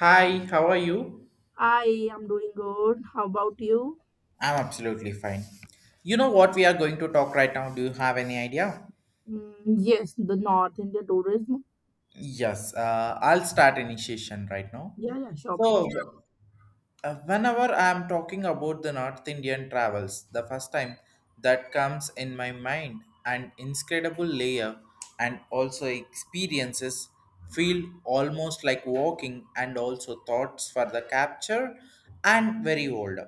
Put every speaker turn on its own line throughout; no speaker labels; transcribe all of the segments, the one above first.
Hi, how are you?
I am doing good. How about you?
I'm absolutely fine. You know what we are going to talk right now? Do you have any idea?
Mm, yes, the North India tourism.
Yes, I'll start initiation right now.
Yeah, yeah, sure, please.
So, whenever I'm talking about the North Indian travels, the first time that comes in my mind an incredible layer and also experiences feel almost like walking and also thoughts for the capture and very older,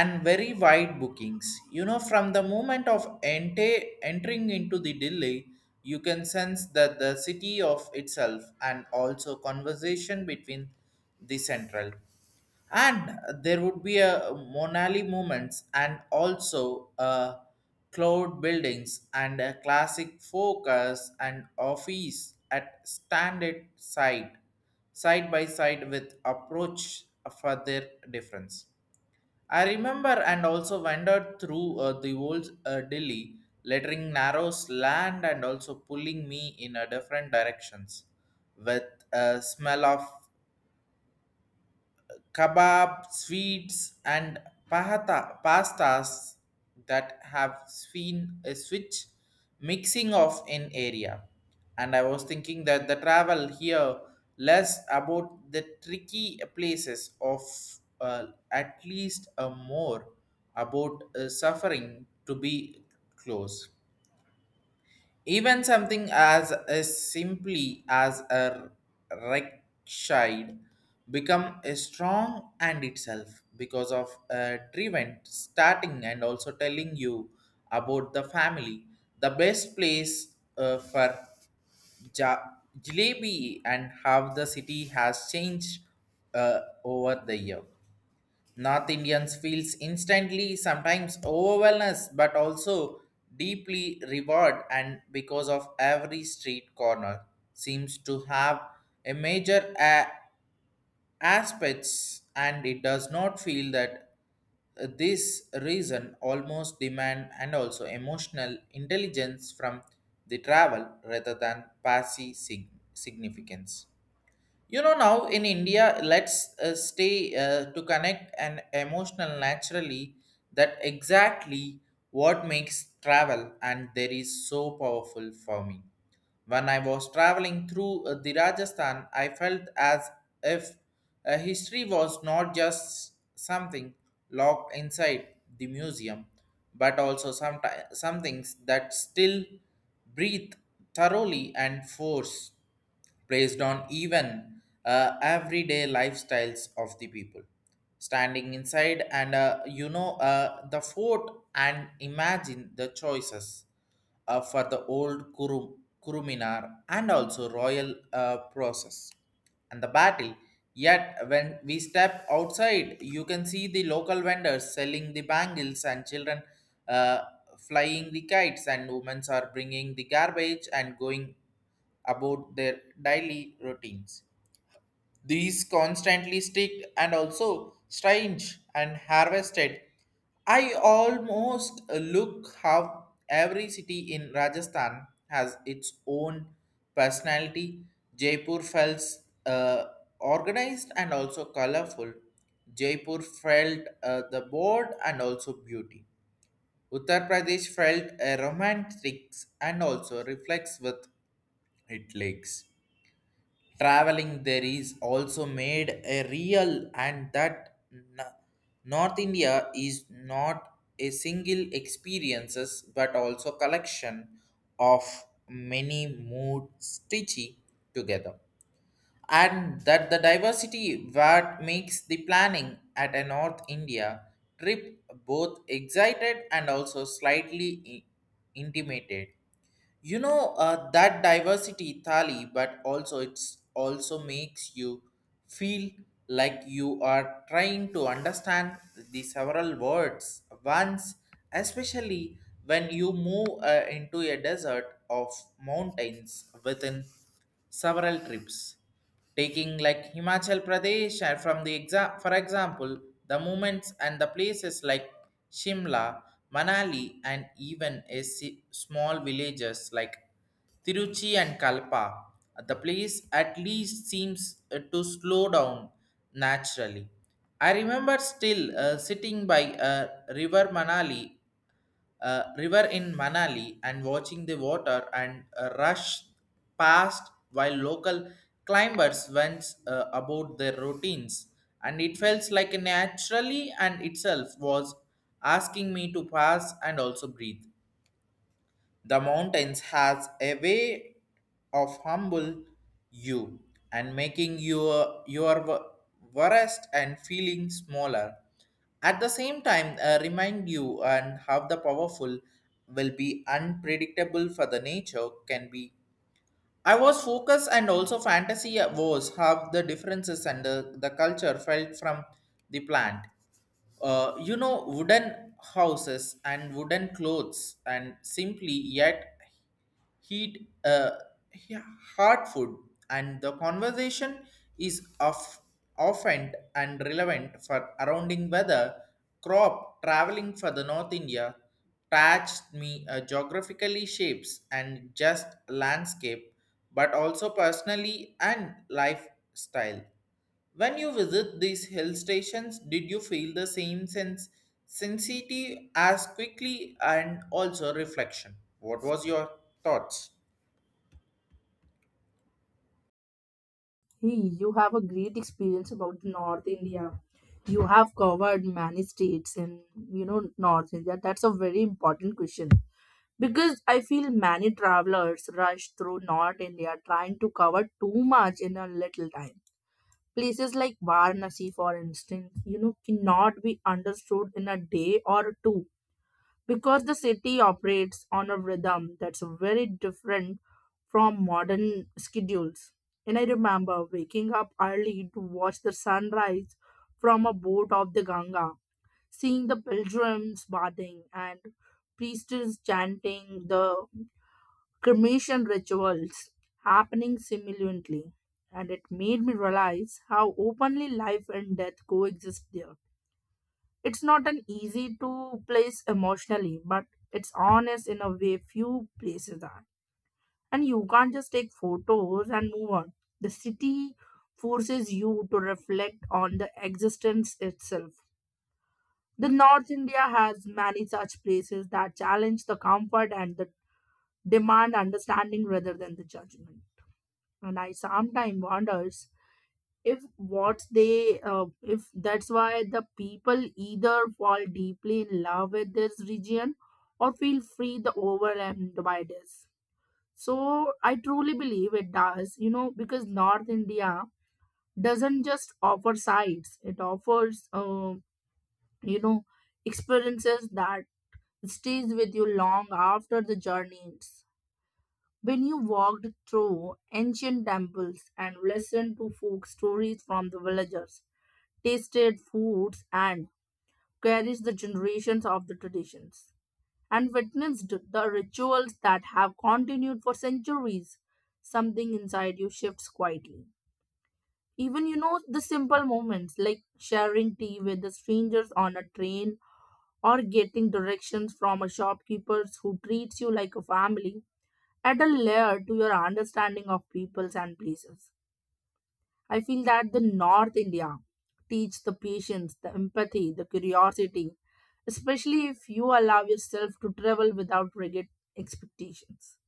and very wide bookings. You know, from the moment of entering into the Delhi, you can sense that the city of itself and also conversation between the central. And there would be a Monali movements and also cloud buildings and a classic focus and office at standard side, side by side with approach for their difference. I remember and also wandered through the old Delhi, lettering narrow slant and also pulling me in a different directions with a smell of kebab, sweets, and pahata, pastas that have seen a switch mixing of in area. And I was thinking that the travel here less about the tricky places of, at least a more about suffering to be close. Even something as simply as a rechide become a strong and itself because of a driven starting and also telling you about the family, the best place for ja- jalebi and how the city has changed uh, over the year. North Indians feels instantly sometimes overwhelmed but also deeply reward and because of every street corner seems to have a major aspects and it does not feel that this reason almost demand and also emotional intelligence from the travel rather than passive significance. You know, now in India let's stay to connect and emotional naturally that exactly what makes travel and there is so powerful for me. When I was traveling through the Rajasthan, I felt as if history was not just something locked inside the museum but also some things that still breathe thoroughly and force based on even everyday lifestyles of the people standing inside and, the fort and imagine the choices for the old Kuruminar and also royal process and the battle. Yet, when we step outside, you can see the local vendors selling the bangles and children uh, flying the kites, and women are bringing the garbage and going about their daily routines. These constantly stick and also strange and harvested. I almost look how every city in Rajasthan has its own personality. Jaipur felt uh, organized and also colorful. Jaipur felt the board and also beauty. Uttar Pradesh felt a romantic and also reflects with its lakes. Traveling there is also made a real and that North India is not a single experiences but also collection of many mood stitchy together, and that the diversity what makes the planning at a North India trip both excited and also slightly intimidated. You know, that diversity, Thali, but also it's also makes you feel like you are trying to understand the several words once, especially when you move into a desert of mountains within several trips. Taking like Himachal Pradesh, for example, the movements and the places like Shimla, Manali, and even a small villages like Tiruchi and Kalpa, the place at least seems to slow down naturally. I remember still sitting by a river Manali river in Manali and watching the water and rush past while local climbers went about their routines. And it felt like naturally and itself was asking me to pass and also breathe. The mountains has a way of humble you and making your worst and feeling smaller. At the same time, remind you and how the powerful will be unpredictable for the nature can be. I was focused and also fantasy was how the differences and the culture felt from the plant. Wooden houses and wooden clothes and simply yet heat he- hard food and the conversation is of often and relevant for surrounding weather crop. Traveling for the North India touched me geographically shapes and just landscape but also personally and lifestyle. When you visit these hill stations, did you feel the same sense sensitivity as quickly and also reflection? What was your thoughts?
Hey, you have a great experience about North India. You have covered many states in, you know, North India. That's a very important question because I feel many travelers rush through North India trying to cover too much in a little time. Places like Varanasi, for instance, you know, cannot be understood in a day or two because the city operates on a rhythm that's very different from modern schedules. And I remember waking up early to watch the sunrise from a boat off the Ganga, seeing the pilgrims bathing and priests chanting the cremation rituals happening simultaneously. And it made me realize how openly life and death coexist there. It's not an easy to place emotionally, but it's honest in a way few places are. And you can't just take photos and move on. The city forces you to reflect on the existence itself. The North India has many such places that challenge the comfort and the demand understanding rather than the judgment. And I sometimes wonders if that's why the people either fall deeply in love with this region or feel free the overwhelmed by this. So I truly believe it does, you know, because North India doesn't just offer sights, it offers you know experiences that stays with you long after the journey ends. When you walked through ancient temples and listened to folk stories from the villagers, tasted foods and cherished the generations of the traditions, and witnessed the rituals that have continued for centuries, something inside you shifts quietly. Even, you know, the simple moments like sharing tea with the strangers on a train or getting directions from a shopkeeper who treats you like a family add a layer to your understanding of peoples and places. I feel that the North India teach the patience, the empathy, the curiosity, especially if you allow yourself to travel without rigid expectations.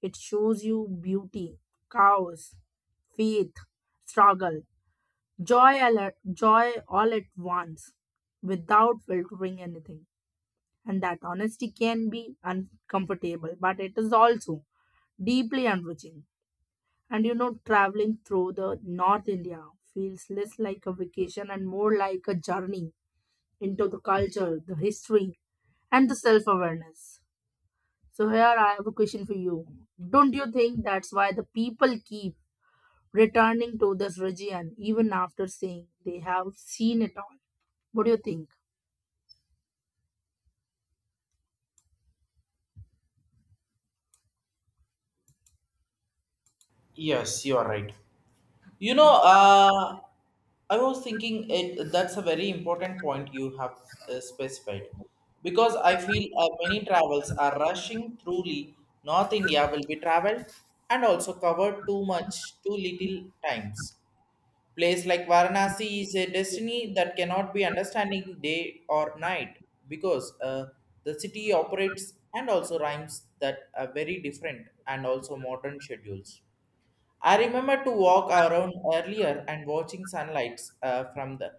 It shows you beauty, chaos, faith, struggle, joy all at once without filtering anything. And that honesty can be uncomfortable, but it is also deeply enriching. And you know, traveling through the North India feels less like a vacation and more like a journey into the culture, the history, and the self awareness. So, here I have a question for you. Don't you think that's why the people keep returning to this region even after saying they have seen it all? What do you think?
Yes, you are right. You know, I was thinking it, that's a very important point you have specified, because I feel many travels are rushing truly. North India will be traveled and also covered too much, too little times. Place like Varanasi is a destiny that cannot be understanding day or night because, the city operates and also rhymes that are very different and also modern schedules. I remember to walk around earlier and watching sunlights from the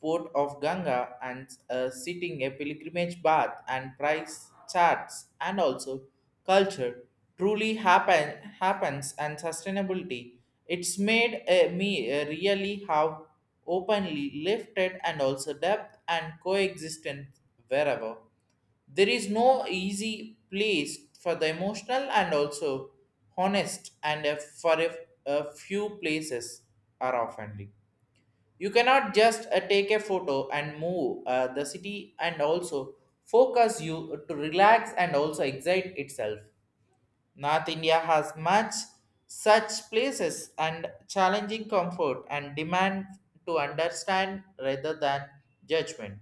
port of Ganga and sitting a pilgrimage bath and price charts and also culture truly happens and sustainability. It's made me really how openly lifted and also depth and coexistence wherever. There is no easy place for the emotional and also honest and, for a few places are offending. You cannot just take a photo and move the city and also focus you to relax and also excite itself. North India has much such places and challenging comfort and demand to understand rather than judgment.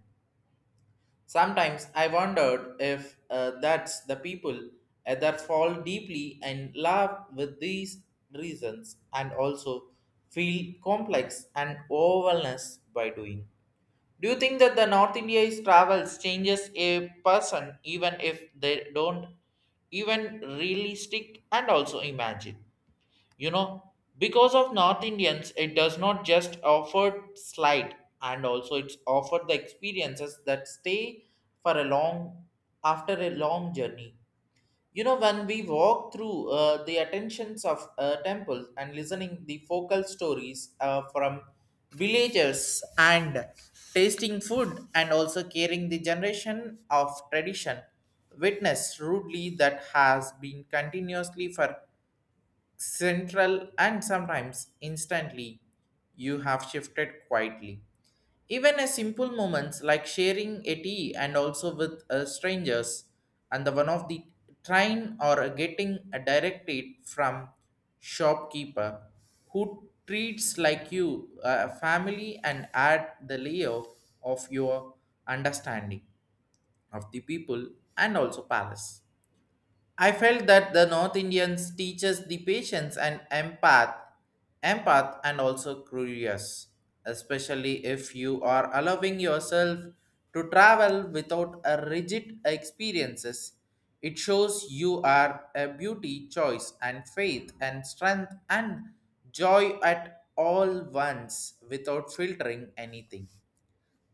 Sometimes I wondered if, that's the people that fall deeply in love with these reasons and also feel complex and overwhelmed by doing. Do you think that the North India's travels changes a person even if they don't even really stick and also imagine? You know, because of North Indians it does not just offer slide and also it's offered the experiences that stay for a long after a long journey. You know, when we walk through the attentions of temples and listening the focal stories from villagers and tasting food and also carrying the generation of tradition, witness rudely that has been continuously for central and sometimes instantly you have shifted quietly. Even a simple moments like sharing a tea and also with strangers and the one of the train or getting a direct aid from shopkeeper who treats like you a family and add the layer of your understanding of the people and also palace. I felt that the North Indians teaches the patience and empath and also curious, especially if you are allowing yourself to travel without a rigid experiences. It shows you are a beauty, choice, and faith, and strength, and joy at all once without filtering anything.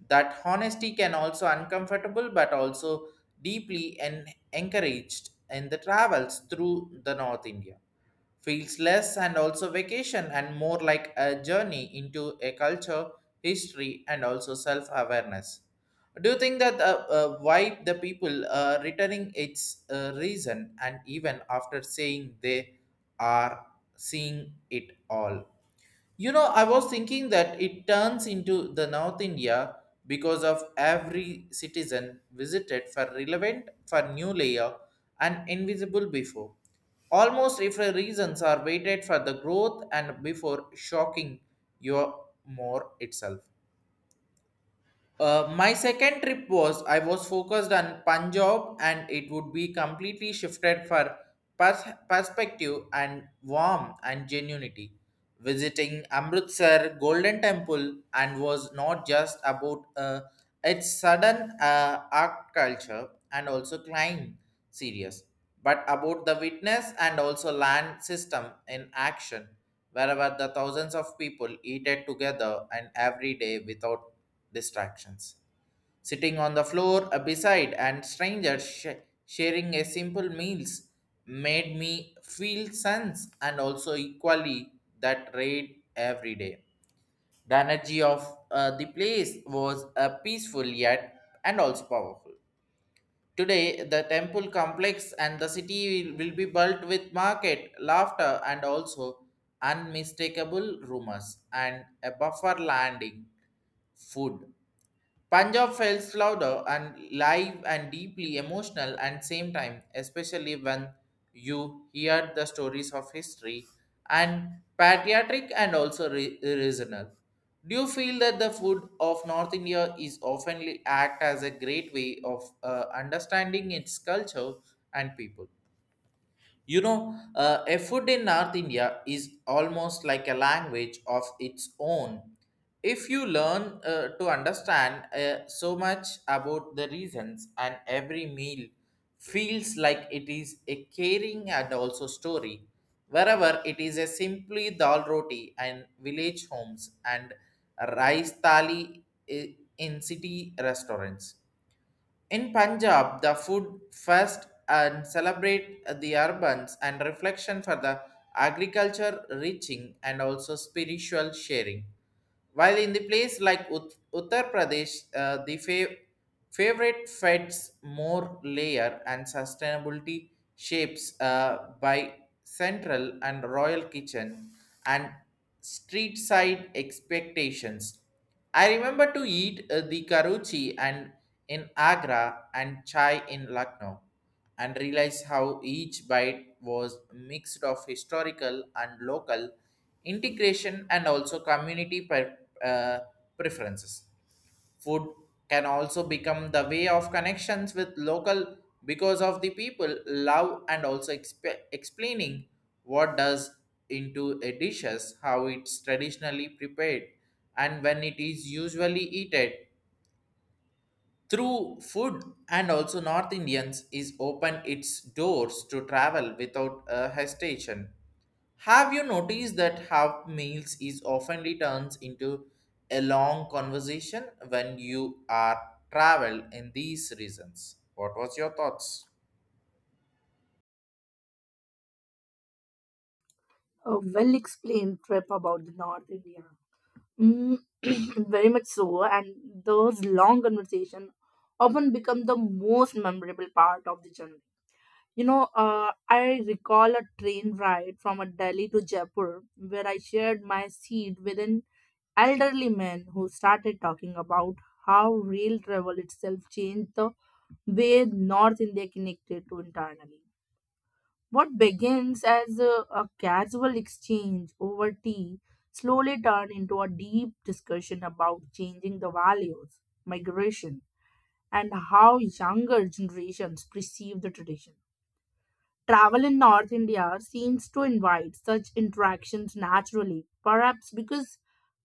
That honesty can also uncomfortable but also deeply and encouraged in the travels through the North India. Feels less and also vacation and more like a journey into a culture, history, and also self-awareness. Do you think that, why the people returning its reason and even after saying they are seeing it all? You know, I was thinking that it turns into the North India because of every citizen visited for relevant for new layer and invisible before. Almost if the reasons are waited for the growth and before shocking your more itself. My second trip was I was focused on Punjab and it would be completely shifted for perspective and warmth and genuinity. Visiting Amritsar Golden Temple and was not just about its sudden art culture and also climb series, but about the witness and also land system in action, wherever the thousands of people eat it together and every day without distractions. Sitting on the floor beside and strangers sharing a simple meals made me feel sense and also equally that raid every day. The energy of the place was peaceful yet and also powerful. Today, the temple complex and the city will be built with market, laughter, and also unmistakable rumors and a buffer landing food. Punjab feels louder and live and deeply emotional at same time, especially when you hear the stories of history and patriotic and also regional. Do you feel that the food of North India is often act as a great way of understanding its culture and people? You know, a food in North India is almost like a language of its own. If you learn to understand so much about the reasons, and every meal feels like it is a caring and also story. Wherever it is a simply dal roti and village homes and rice thali in city restaurants in Punjab, the food fest and celebrate the urbans and reflection for the agriculture reaching and also spiritual sharing. While in the place like Uttar Pradesh, the favorite feds more layer and sustainability shapes by central and royal kitchen and street side expectations. I remember to eat the karuchi and in Agra and chai in Lucknow and realize how each bite was mixed of historical and local integration and also community uh, preferences. Food can also become the way of connections with local because of the people love and also explaining what does into a dishes, how it's traditionally prepared, and when it is usually eaten. Through food and also North Indians is open its doors to travel without a hesitation. Have you noticed that half meals is oftenly turns into a long conversation when you are travel in these reasons? What was your thoughts?
A well explained trip about the North India. Mm, very much so, and those long conversations often become the most memorable part of the journey. You know, I recall a train ride from a Delhi to Jaipur where I shared my seat with an elderly man who started talking about how rail travel itself changed the way North India connected to internally. What begins as a casual exchange over tea slowly turned into a deep discussion about changing the values, migration, and how younger generations perceive the tradition. Travel in North India seems to invite such interactions naturally, perhaps because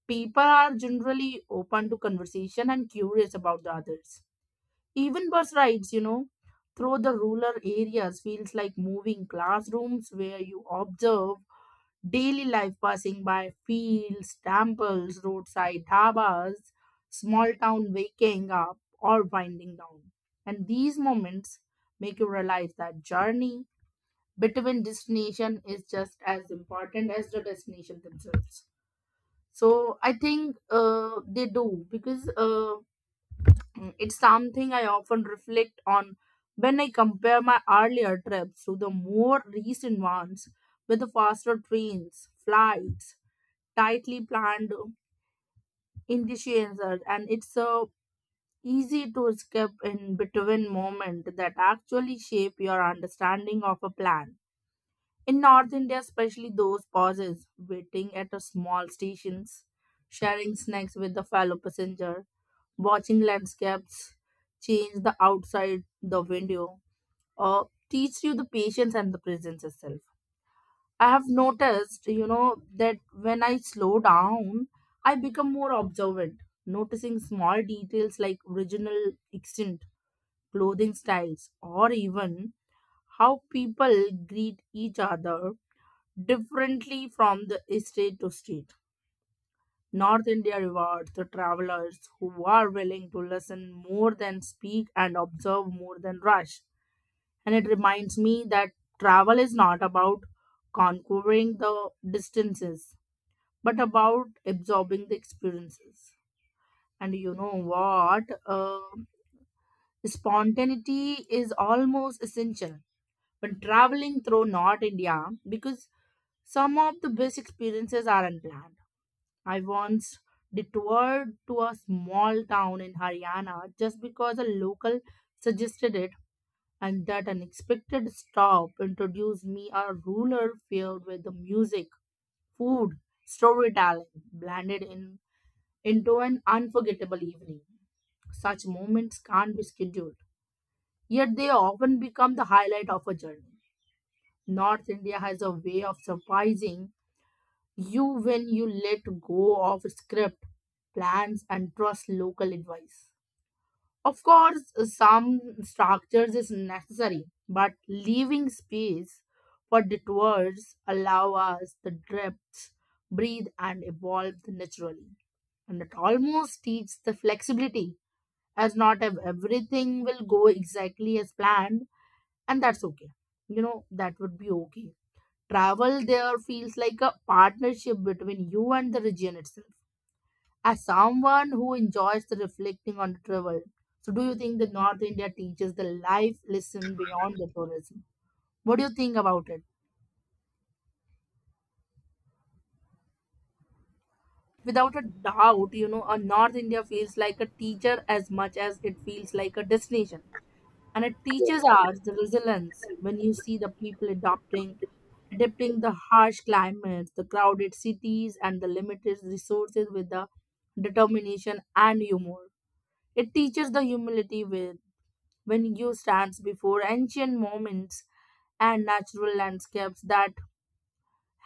people are generally open to conversation and curious about the others. Even bus rides, you know, through the rural areas feels like moving classrooms where you observe daily life passing by fields, temples, roadside dhabas, small town waking up or winding down. And these moments make you realize that journey between destination is just as important as the destination themselves. So I think they do, because, it's something I often reflect on when I compare my earlier trips to the more recent ones with the faster trains, flights, tightly planned initiations, and it's easy to skip in between moment that actually shape your understanding of a plan. In North India, especially those pauses, waiting at a small stations, sharing snacks with the fellow passenger, watching landscapes change the outside the window or teach you the patience and the presence itself. I have noticed, you know, that when I slow down I become more observant, noticing small details like regional extent, clothing styles, or even how people greet each other differently from the state to state. North India rewards the travelers who are willing to listen more than speak and observe more than rush. And it reminds me that travel is not about conquering the distances, but about absorbing the experiences. And you know what? Spontaneity is almost essential when traveling through North India because some of the best experiences are unplanned. I once detoured to a small town in Haryana just because a local suggested it, and that unexpected stop introduced me a ruler filled with the music, food, storytelling blended in into an unforgettable evening. Such moments can't be scheduled, yet they often become the highlight of a journey. North India has a way of surprising you when you let go of script, plans, and trust local advice. Of course, some structures is necessary, but leaving space for detours allow us the depths, breathe, and evolve naturally. And it almost teaches the flexibility as not everything will go exactly as planned, and that's okay. You know, that would be okay. Travel there feels like a partnership between you and the region itself. As someone who enjoys the reflecting on the travel, so do you think that North India teaches the life lesson beyond the tourism? What do you think about it? Without a doubt, you know, a North India feels like a teacher as much as it feels like a destination. And it teaches us the resilience when you see the people adopting adapting the harsh climates, the crowded cities, and the limited resources with the determination and humor. It teaches the humility with when you stands before ancient moments and natural landscapes that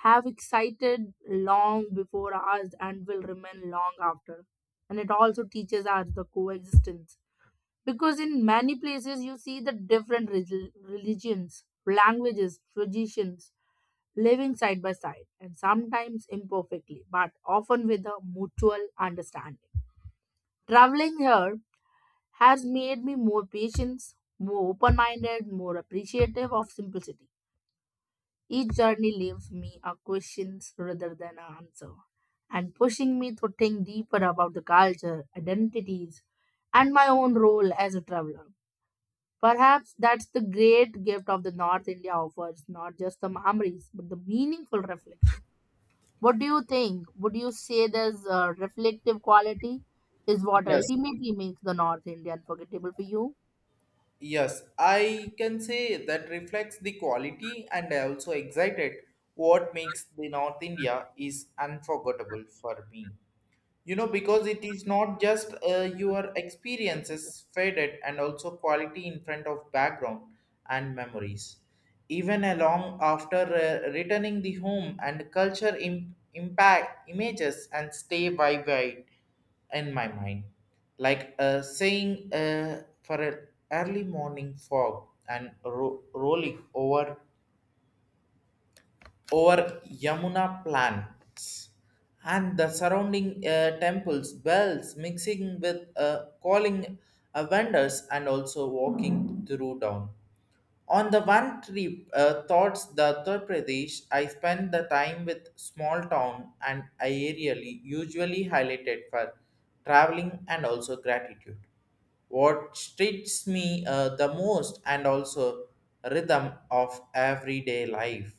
have excited long before us and will remain long after. And it also teaches us the coexistence because in many places you see the different religions, languages, traditions living side by side and sometimes imperfectly but often with a mutual understanding. Traveling here has made me more patient, more open-minded, more appreciative of simplicity. Each journey leaves me a question rather than an answer and pushing me to think deeper about the culture identities and my own role as a traveler. Perhaps that's the great gift of the North India offers, not just the memories, but the meaningful reflection. What do you think? Would you say this reflective quality is what
Yes,
ultimately makes the North India unforgettable for you?
yes, I can say that reflects the quality and I also excited what makes the North India is unforgettable for me. You know, because it is not just your experiences faded and also quality in front of background and memories, even along after returning the home and culture impact images and stay vivid in my mind, like saying for an early morning fog and rolling over Yamuna plants and the surrounding temples, bells mixing with calling vendors and also walking through town. On the one trip, thoughts the Uttar Pradesh, I spent the time with small town and aerially usually highlighted for traveling and also gratitude. What strikes me the most and also rhythm of everyday life,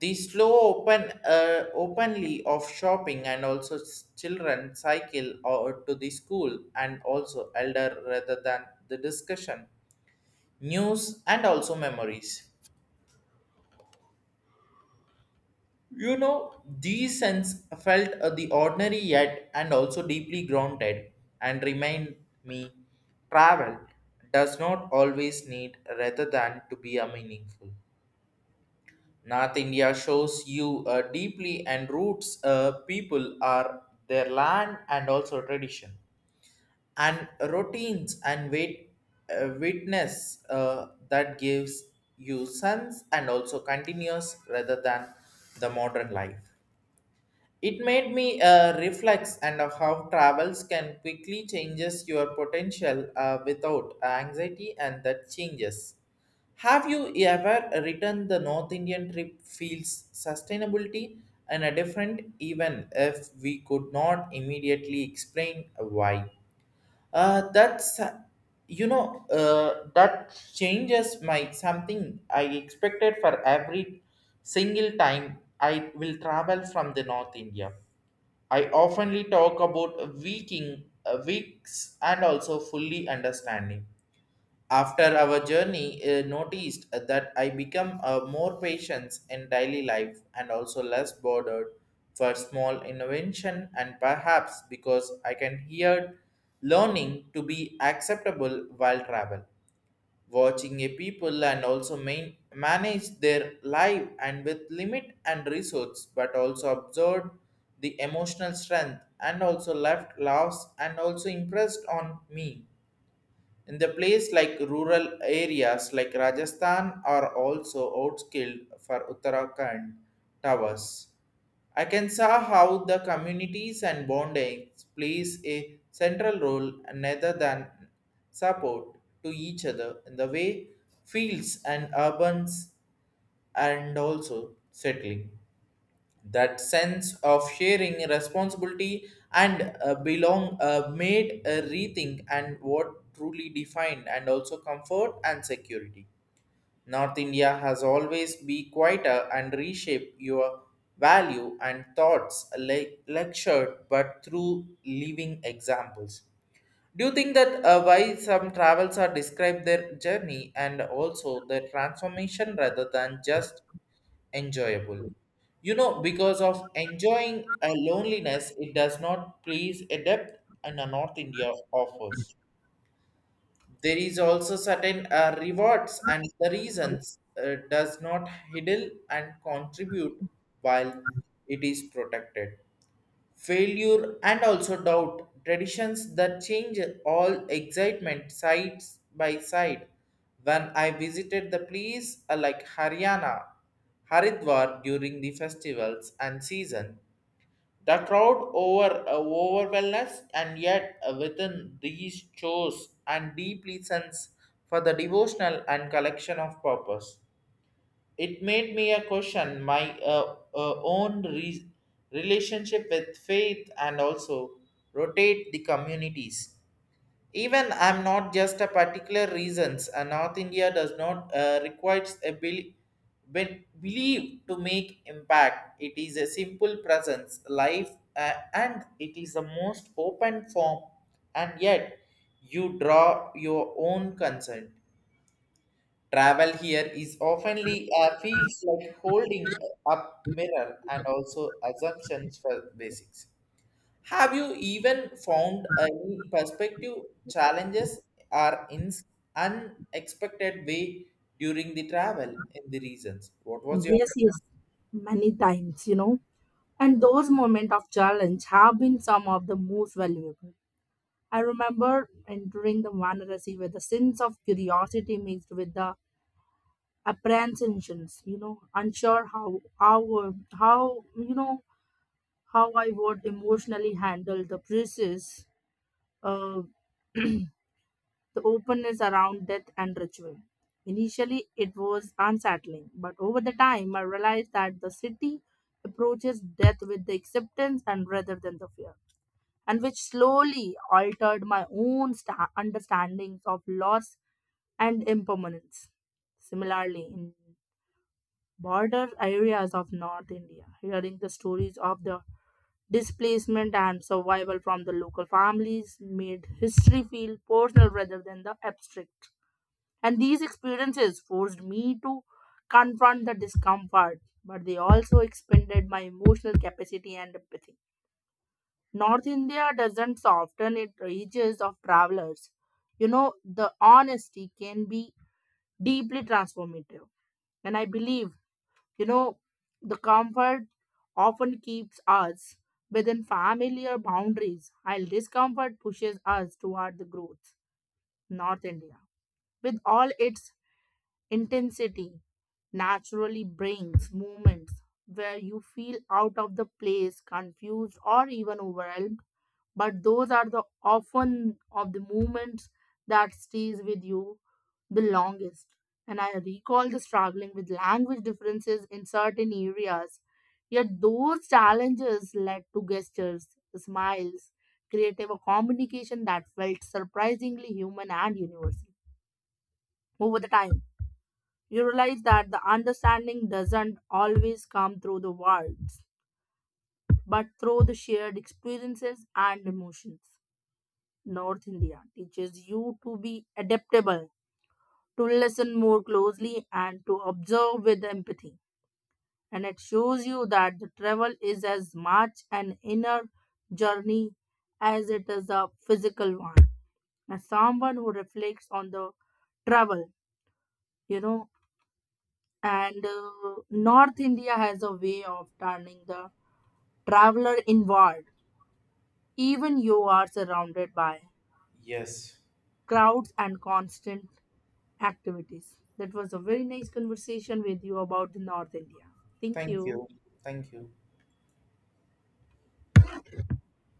the slow open openly of shopping and also children cycle or to the school and also elder rather than the discussion, news and also memories. You know, these sense felt the ordinary yet and also deeply grounded and remind me travel does not always need rather than to be a meaningful. North India shows you deeply and roots people are their land and also tradition and routines and wait, witness that gives you sense and also continuous rather than the modern life. It made me reflect and how travels can quickly changes your potential without anxiety and that changes. Have you ever written the North Indian trip feels sustainability and a different even if we could not immediately explain why? That's you know that changes my something I expected for every single time I will travel from the North India. I oftenly talk about waking, weeks, and also fully understanding. After our journey, noticed that I become more patient in daily life and also less bothered for small invention, and perhaps because I can hear learning to be acceptable while travel, watching a people and also manage their life and with limit and resource but also observed the emotional strength and also left loss and also impressed on me in the place like rural areas like rajasthan are also outskilled for uttarakhand towers. I can see how the communities and bondings plays a central role rather than support to each other in the way fields and urbans and also settling. That sense of sharing responsibility and belong made a rethink and what truly defined and also comfort and security. North India has always be quieter and reshape your value and thoughts lectured but through living examples. Do you think that why some travels are describe their journey and also their transformation rather than just enjoyable? You know, because of enjoying a loneliness, it does not please a depth and a North India offers there is also certain rewards and the reasons does not hiddle and contribute while it is protected failure and also doubt traditions that change all excitement sides by side when I visited the place like haryana haridwar during the festivals and season, the crowd overwhelmed us, and yet within these chores and deeply sense for the devotional and collection of purpose. It made me a question my own relationship with faith and also rotate the communities. Even I'm not just a particular reasons. North India does not requires a believe to make impact. It is a simple presence, life, and it is the most open form. And yet, you draw your own consent. Travel here is oftenly feels like holding up mirror and also assumptions for basics. Have you even found any perspective challenges or in unexpected way during the travel in the regions? What was your?
Yes, yes, many times, you know. And those moments of challenge have been some of the most valuable. I remember entering the Varanasi with a sense of curiosity mixed with the apprehensions, you know, unsure how you know how I would emotionally handle the process, uh, the openness around death and ritual. Initially, it was unsettling, but over the time, I realized that the city approaches death with the acceptance and rather than the fear, and which slowly altered my own understandings of loss and impermanence. Similarly, in border areas of North India, hearing the stories of the displacement and survival from the local families made history feel personal rather than the abstract. And these experiences forced me to confront the discomfort, but they also expanded my emotional capacity and empathy. North India doesn't soften its reaches of travelers. You know, the honesty can be deeply transformative. And I believe, you know, the comfort often keeps us within familiar boundaries, while discomfort pushes us toward the growth. North India, with all its intensity, naturally brings moments where you feel out of the place, confused, or even overwhelmed. But those are the often of the moments that stays with you the longest. And I recall the struggling with language differences in certain areas. Yet those challenges led to gestures, smiles, creative communication that felt surprisingly human and universal over the time. You realize that the understanding doesn't always come through the words, but through the shared experiences and emotions. North India teaches you to be adaptable, to listen more closely, and to observe with empathy. And it shows you that the travel is as much an inner journey as it is a physical one. As someone who reflects on the travel, you know, and North India has a way of turning the traveler inward even you are surrounded by
Yes.
crowds and constant activities. That was a very nice conversation with you about the North India. Thank
Thank
you.
you? Thank you.